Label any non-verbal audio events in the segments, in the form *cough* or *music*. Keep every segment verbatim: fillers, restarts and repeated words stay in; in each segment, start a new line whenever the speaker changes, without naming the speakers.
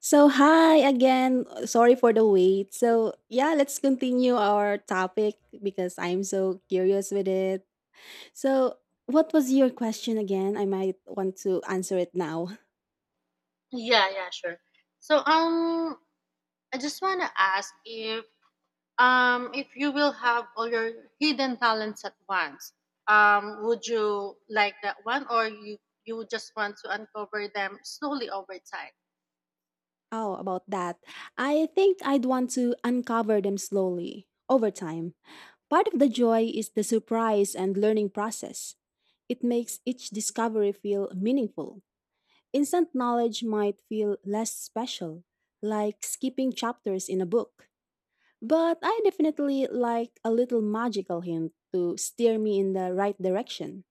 So, hi again. Sorry for the wait. So, yeah, let's continue our topic because I'm so curious with it. So, what was your question again? I might want to answer it now. *laughs* Oh, about that. I think I'd want to uncover them slowly over time. Part of the joy is the surprise and learning process. It makes each discovery feel meaningful. Instant knowledge might feel less special, like skipping chapters in a book. But I definitely like a little magical hint to steer me in the right direction.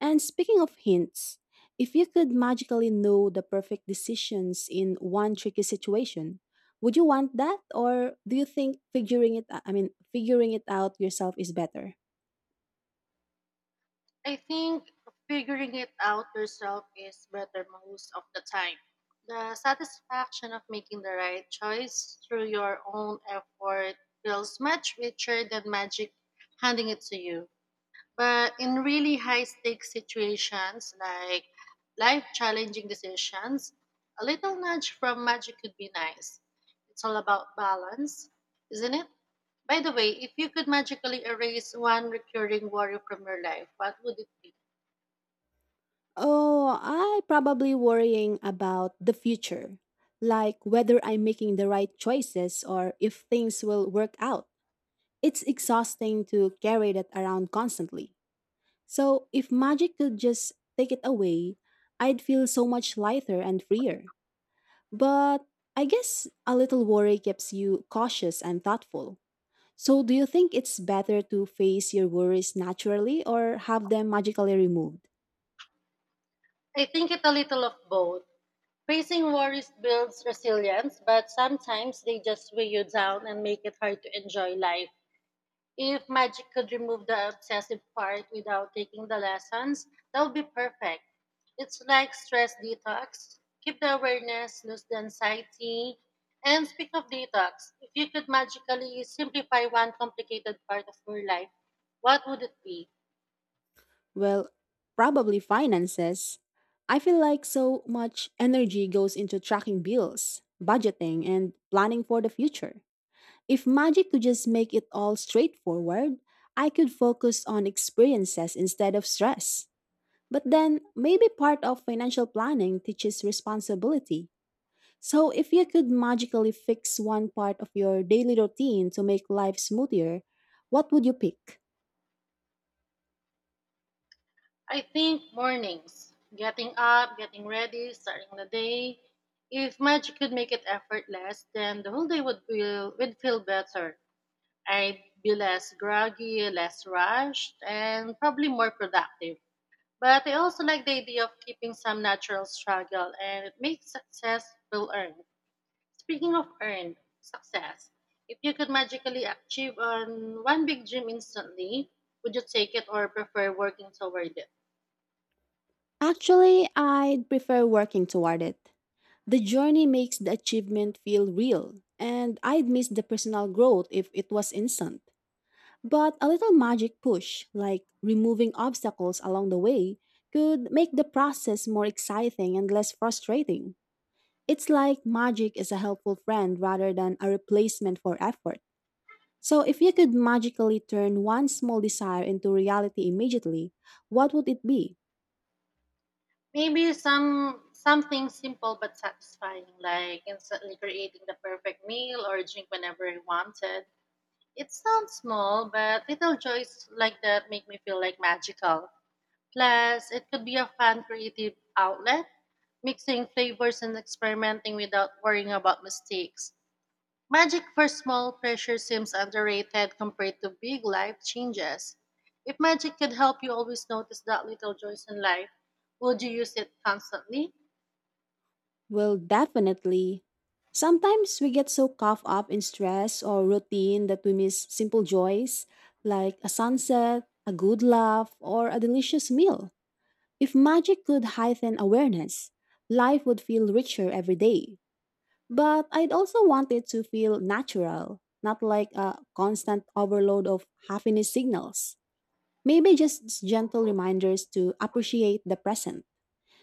And speaking of hints, if you could magically know the perfect decisions in one tricky situation, would you want that, or do you think figuring it I mean figuring it out yourself is better? Oh, I probably worrying about the future, like whether I'm making the right choices or if things will work out. It's exhausting to carry that around constantly. So if magic could just take it away, I'd feel so much lighter and freer. But I guess a little worry keeps you cautious and thoughtful. So do you think it's better to face your worries naturally or have them magically removed? Well, probably finances. I feel like so much energy goes into tracking bills, budgeting, and planning for the future. If magic could just make it all straightforward, I could focus on experiences instead of stress. But then, maybe part of financial planning teaches responsibility. So, if you could magically fix one part of your daily routine to make life smoother, what would you pick? Actually, I'd prefer working toward it. The journey makes the achievement feel real, and I'd miss the personal growth if it was instant. But a little magic push, like removing obstacles along the way, could make the process more exciting and less frustrating. It's like magic is a helpful friend rather than a replacement for effort. So, if you could magically turn one small desire into reality immediately, what would it be? Well, definitely. Sometimes we get so caught up in stress or routine that we miss simple joys like a sunset, a good laugh, or a delicious meal. If magic could heighten awareness, life would feel richer every day. But I'd also want it to feel natural, not like a constant overload of happiness signals. Maybe just gentle reminders to appreciate the present.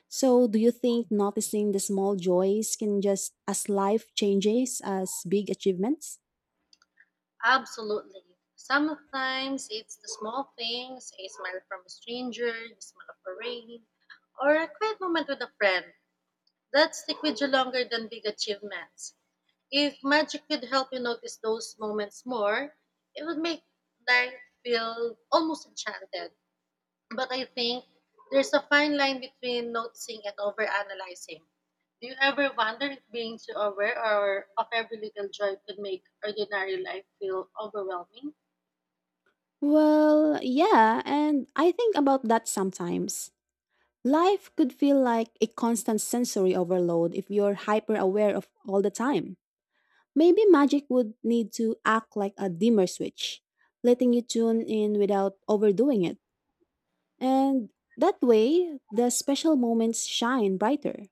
So, do you think noticing the small joys can just as life changes as big achievements? Well, yeah, and I think about that sometimes. Life could feel like a constant sensory overload if you're hyper aware of all the time. Maybe magic would need to act like a dimmer switch, letting you tune in without overdoing it. And that way, the special moments shine brighter.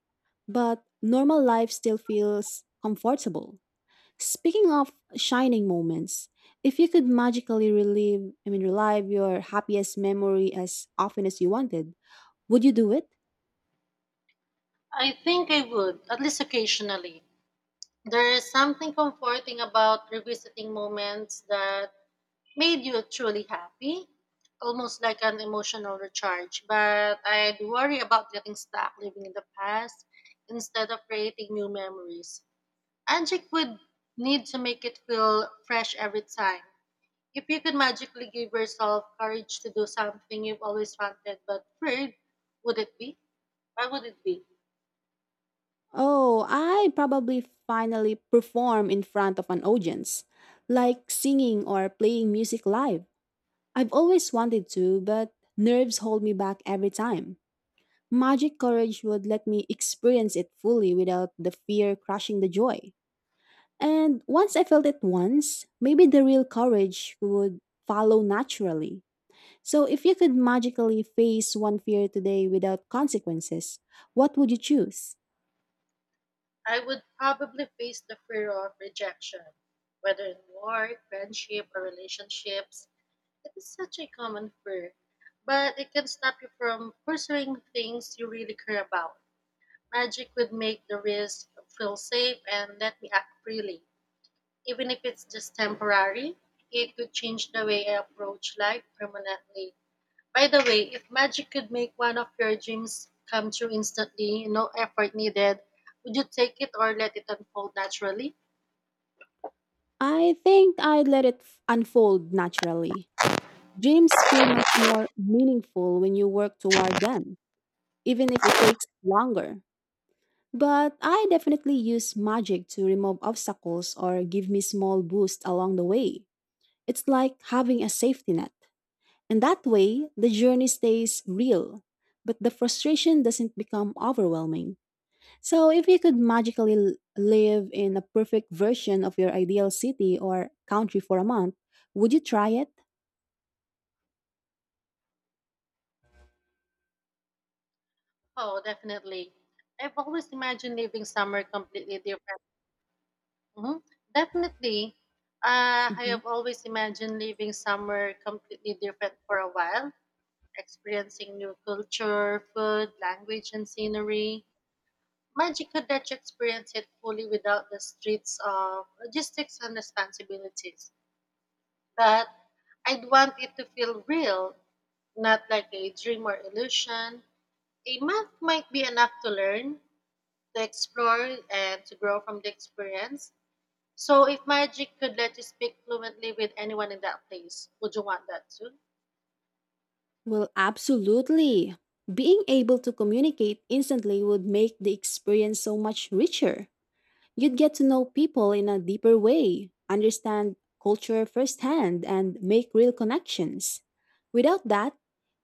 But normal life still feels comfortable. Speaking of shining moments, if you could magically relive, I mean, relive your happiest memory as often as you wanted, would you do it? Oh, I probably finally perform in front of an audience, like singing or playing music live. I've always wanted to, but nerves hold me back every time. Magic Courage would let me experience it fully without the fear crushing the joy. And once I felt it once, maybe the real courage would follow naturally. So, if you could magically face one fear today without consequences, what would you choose? I think I let it f- unfold naturally. Dreams feel much more meaningful when you work toward them, even if it takes longer. But I definitely use magic to remove obstacles or give me small boosts along the way. It's like having a safety net. And that way, the journey stays real, but the frustration doesn't become overwhelming. So, if you could magically l- live in a perfect version of your ideal city or country for a month, would you try it? Mhm. Well, absolutely. Being able to communicate instantly would make the experience so much richer. You'd get to know people in a deeper way, understand culture firsthand, and make real connections. Without that,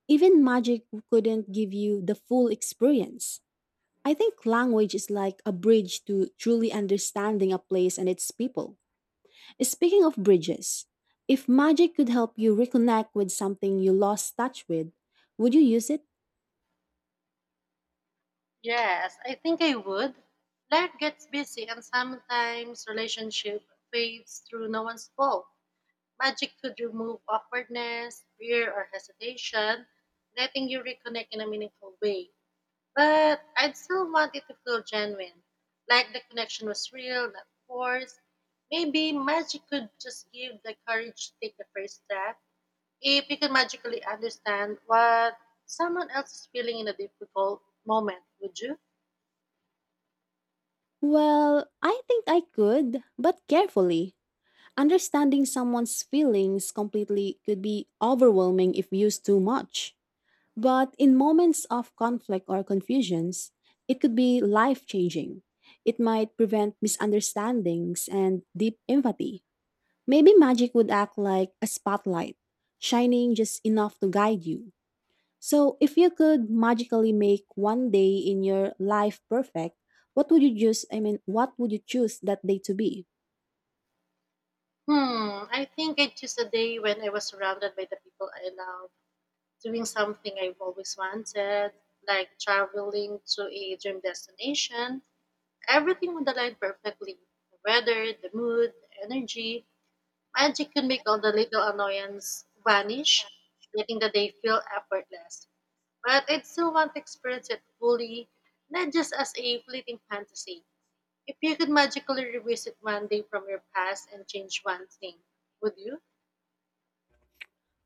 even magic couldn't give you the full experience. I think language is like a bridge to truly understanding a place and its people. Speaking of bridges, if magic could help you reconnect with something you lost touch with, would you use it? Well, I think I could, but carefully. Understanding someone's feelings completely could be overwhelming if used too much. But in moments of conflict or confusions, it could be life changing. It might prevent misunderstandings and deep empathy. Maybe magic would act like a spotlight, shining just enough to guide you. So, if you could magically make one day in your life perfect, what would you choose? I mean, what would you choose that day to be?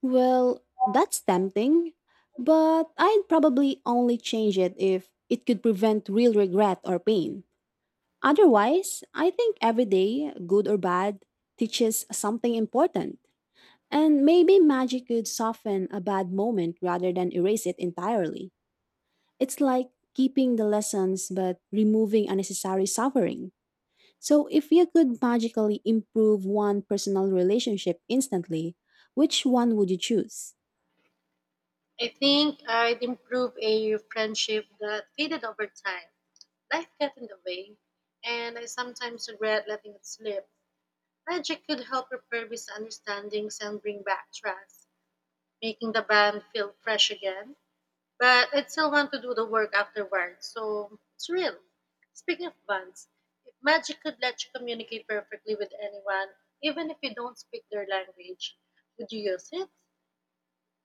Well, that's tempting, but I'd probably only change it if it could prevent real regret or pain. Otherwise, I think every day, good or bad, teaches something important. And maybe magic could soften a bad moment rather than erase it entirely. It's like keeping the lessons but removing unnecessary suffering. So, if you could magically improve one personal relationship instantly, which one would you choose?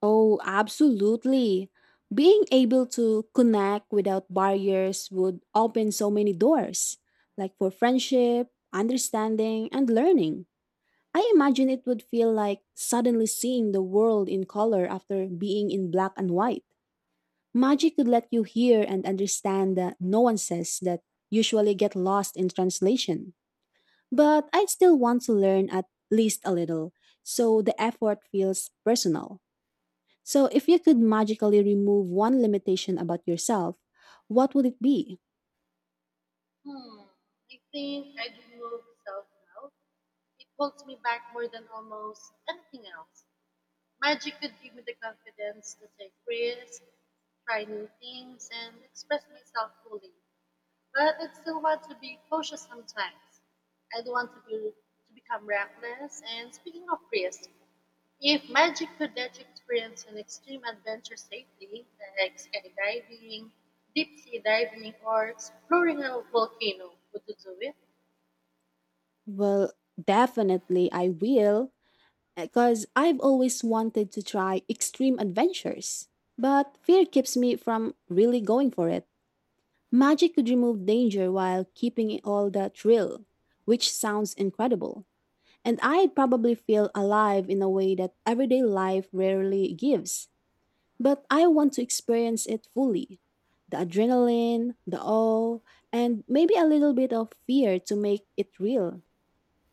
Oh, absolutely. Being able to connect without barriers would open so many doors, like for friendship, understanding, and learning. I imagine it would feel like suddenly seeing the world in color after being in black and white. Magic could let you hear and understand the nuances that usually get lost in translation. But I'd still want to learn at least a little, so the effort feels personal. So, if you could magically remove one limitation about yourself, what would it be? Well, definitely I will. Because I've always wanted to try extreme adventures. But fear keeps me from really going for it. Magic could remove danger while keeping it all the thrill, which sounds incredible. And I'd probably feel alive in a way that everyday life rarely gives. But I want to experience it fully. The adrenaline, the awe, and maybe a little bit of fear to make it real.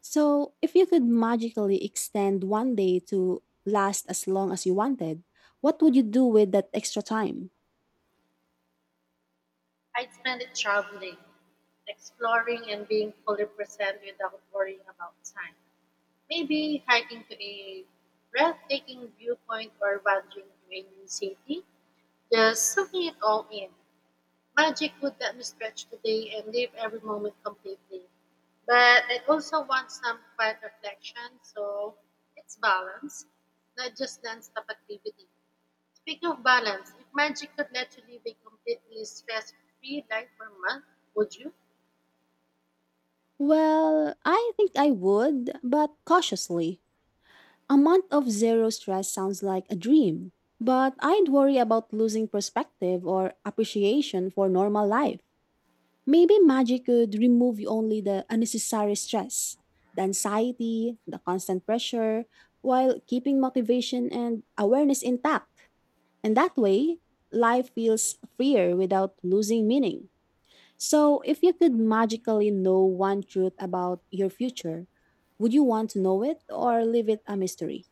So, if you could magically extend one day to last as long as you wanted, what would you do with that extra time? Well, I think I would, but cautiously. A month of zero stress sounds like a dream, but I'd worry about losing perspective or appreciation for normal life. Maybe magic could remove only the unnecessary stress, the anxiety, the constant pressure, while keeping motivation and awareness intact. And that way, life feels freer without losing meaning. So, if you could magically know one truth about your future, would you want to know it or leave it a mystery?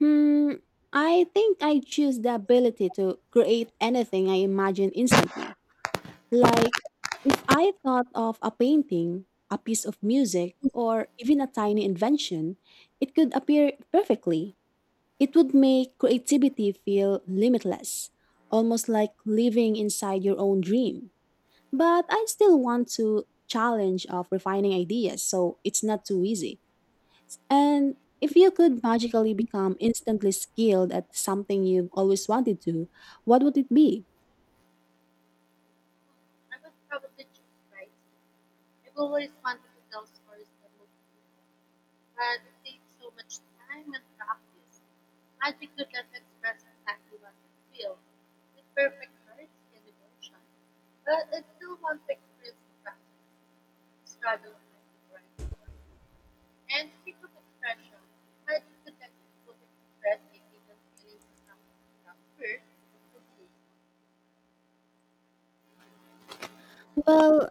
Hmm, I think I choose the ability to create anything I imagine instantly. Like, if I thought of a painting, a piece of music, or even a tiny invention, it could appear perfectly. It would make creativity feel limitless, almost like living inside your own dream. But I still want to challenge of refining ideas, so it's not too easy. And if you could magically become instantly skilled at something you've always wanted to, what would it be? Well,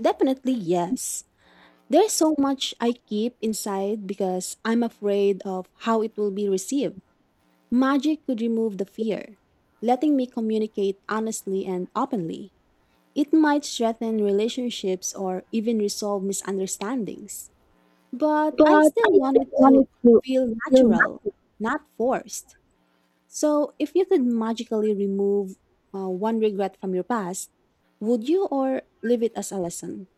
definitely yes. There's so much I keep inside because I'm afraid of how it will be received. Magic could remove the fear, letting me communicate honestly and openly. It might strengthen relationships or even resolve misunderstandings. But
But
I still
I
want
still
it to
wanted to feel
feel natural,
nothing.
not forced. So, if you could magically remove uh, one regret from your past, would you or leave it as a lesson?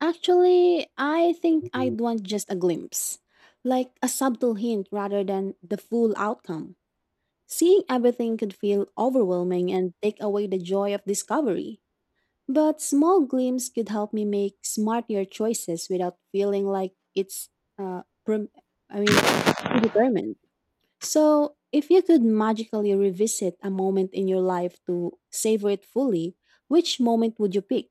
Actually, I think I'd want just a glimpse, like a subtle hint rather than the full outcome. Seeing everything could feel overwhelming and take away the joy of discovery. But small glimpses could help me make smarter choices without feeling like it's, uh, pre- I mean, predetermined. So, if you could magically revisit a moment in your life to savor it fully, which moment would you pick?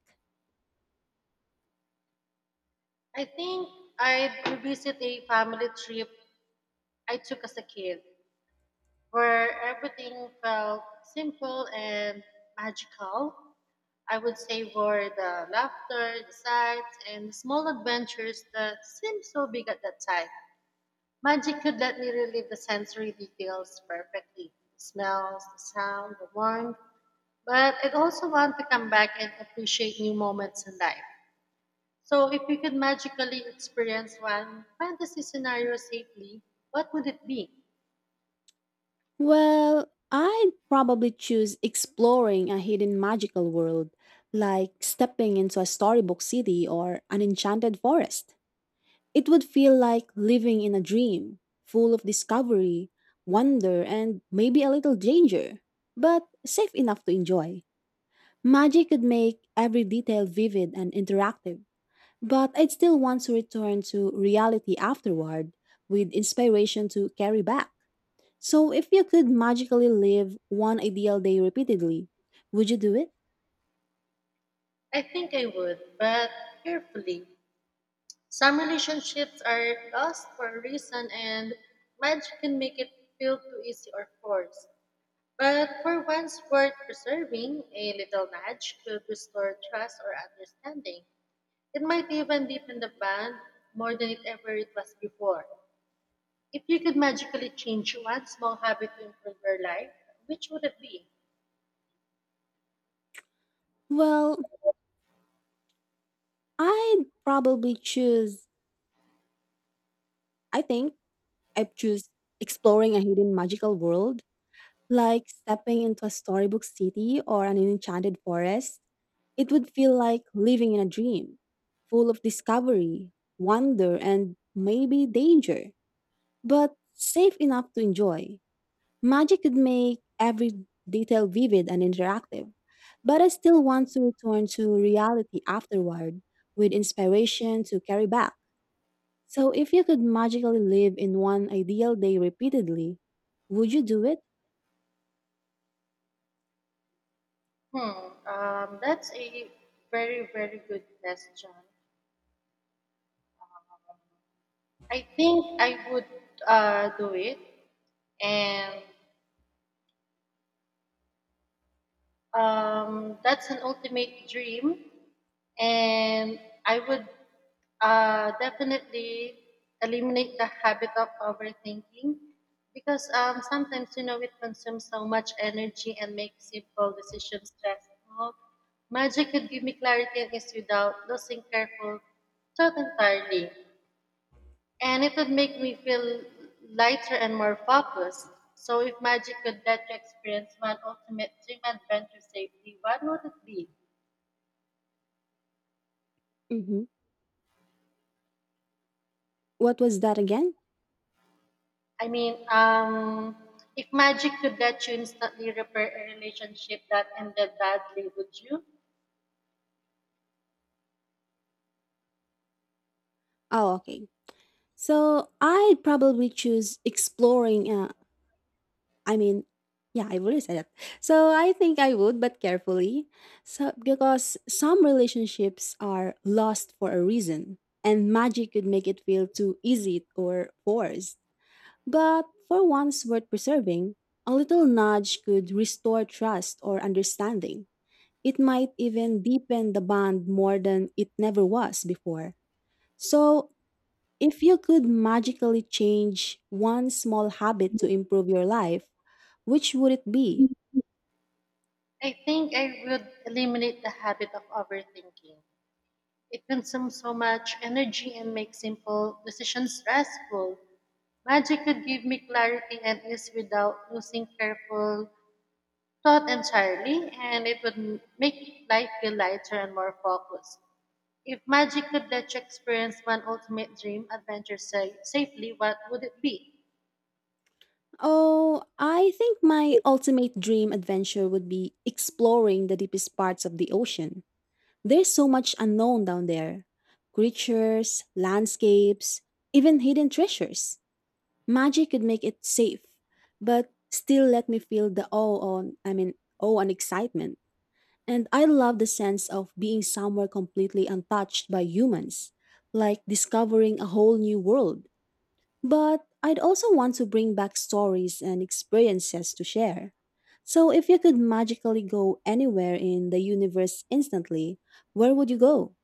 Well, I'd probably choose exploring a hidden magical world, like stepping into a storybook city or an enchanted forest. It would feel like living in a dream, full of discovery, wonder, and maybe a little danger, but safe enough to enjoy. Magic could make every detail vivid and interactive, but I'd still want to return to reality afterward with inspiration to carry back. So, if you could magically live one ideal day repeatedly, would you do it? Well, I'd probably choose, I think I'd choose exploring a hidden magical world. Like stepping into a storybook city or an enchanted forest, it would feel like living in a dream, full of discovery, wonder, and maybe danger, but safe enough to enjoy. Magic could make every detail vivid and interactive, but I still want to return to reality afterward with inspiration to carry back. So, if you could magically live in one ideal day repeatedly, would you do it? hmm What was that again? Oh, okay. So I'd probably choose exploring. Uh, I mean, yeah, I already said that. So I think I would, but carefully. So because some relationships are lost for a reason, and magic could make it feel too easy or forced. But for ones worth preserving, a little nudge could restore trust or understanding. It might even deepen the bond more than it never was before. So if you could magically change one small habit to improve your life, which would it be? Oh, I think my ultimate dream adventure would be exploring the deepest parts of the ocean. There's so much unknown down there, creatures, landscapes, even hidden treasures. Magic could make it safe, but still let me feel the awe on, I mean, awe and excitement. And I love the sense of being somewhere completely untouched by humans, like discovering a whole new world. But I'd also want to bring back stories and experiences to share. So, if you could magically go anywhere in the universe instantly, where would you go?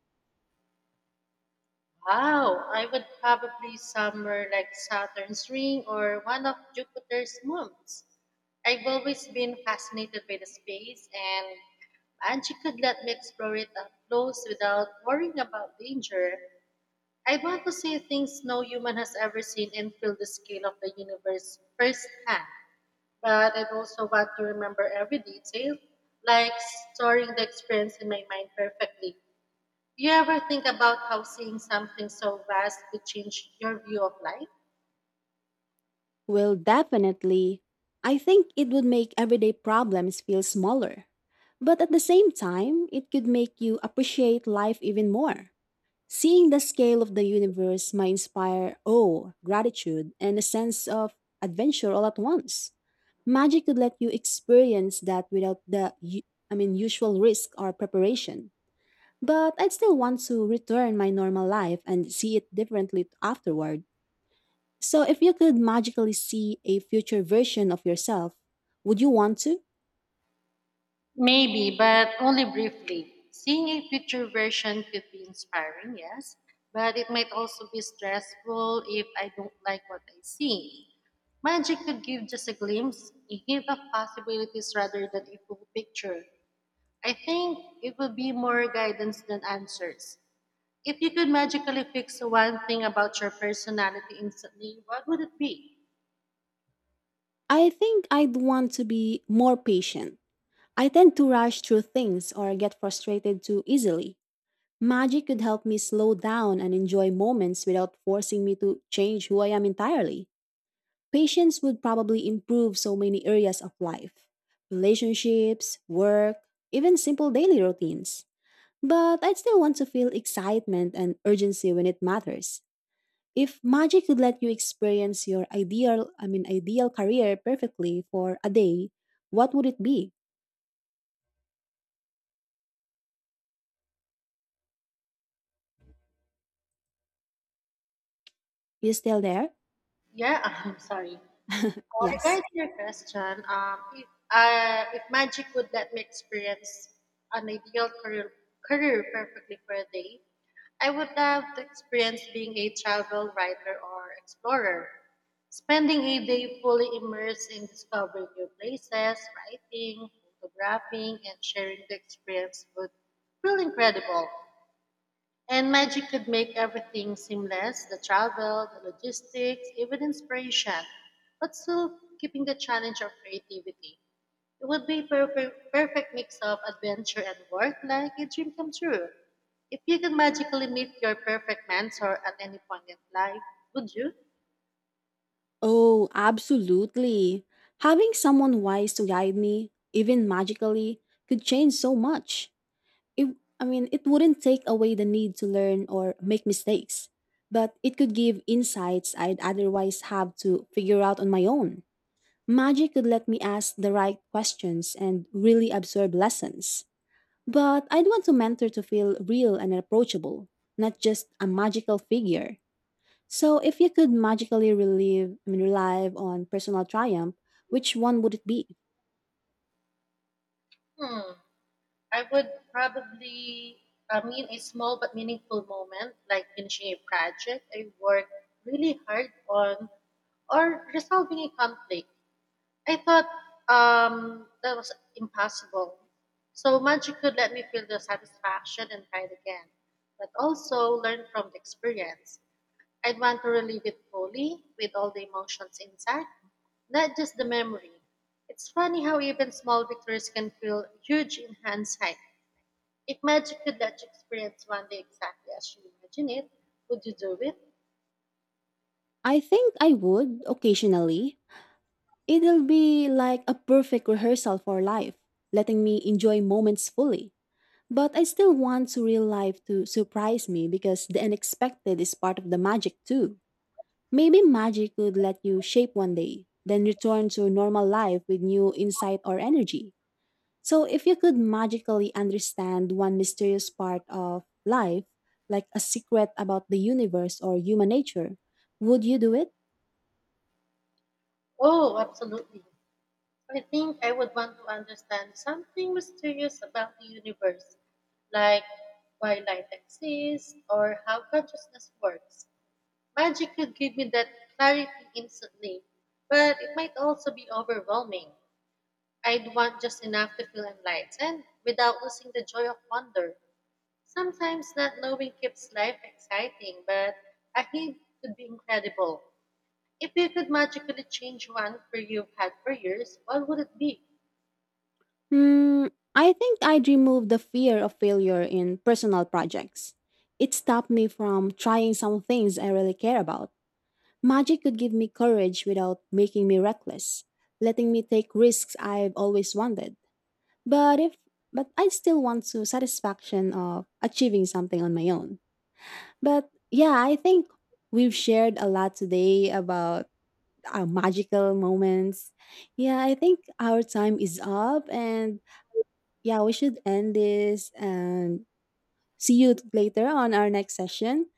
Well, definitely. I think it would make everyday problems feel smaller. But at the same time, it could make you appreciate life even more. Seeing the scale of the universe might inspire awe, gratitude, and a sense of adventure all at once. Magic could let you experience that without the u- I mean usual risk or preparation. But I'd still want to return my normal life and see it differently afterward. So if you could magically see a future version of yourself, would you want to? I think I'd want to be more patient. I tend to rush through things or get frustrated too easily. Magic could help me slow down and enjoy moments without forcing me to change who I am entirely. Patience would probably improve so many areas of life, relationships, work, even simple daily routines. But I'd still want to feel excitement and urgency when it matters. If magic could let you experience your ideal, I mean ideal career perfectly for a day, what would it be? You still there? Yes. Oh, absolutely. Having someone wise to guide me, even magically, could change so much. It, I mean, it wouldn't take away the need to learn or make mistakes, but it could give insights I'd otherwise have to figure out on my own. Magic could let me ask the right questions and really absorb lessons. But I'd want a mentor to feel real and approachable, not just a magical figure. So, if you could magically relive, I mean, relive on personal triumph, which one would it be? I think I would occasionally. It'll be like a perfect rehearsal for life, letting me enjoy moments fully. But I still want surreal life to surprise me because the unexpected is part of the magic too. Maybe magic could let you shape one day, then return to normal life with new insight or energy. So, if you could magically understand one mysterious part of life, like a secret about the universe or human nature, would you do it? Hmm, I think I'd remove the fear of failure in personal projects. It stopped me from trying some things I really care about. Magic could give me courage without making me reckless, letting me take risks I've always wanted. But if but I still want to satisfaction of achieving something on my own. But yeah, I think we've shared a lot today about our magical moments. Yeah, I think our time is up and yeah, we should end this and see you later on our next session.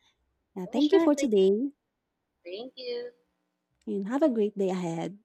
Yeah, thank you for today and have a great day ahead.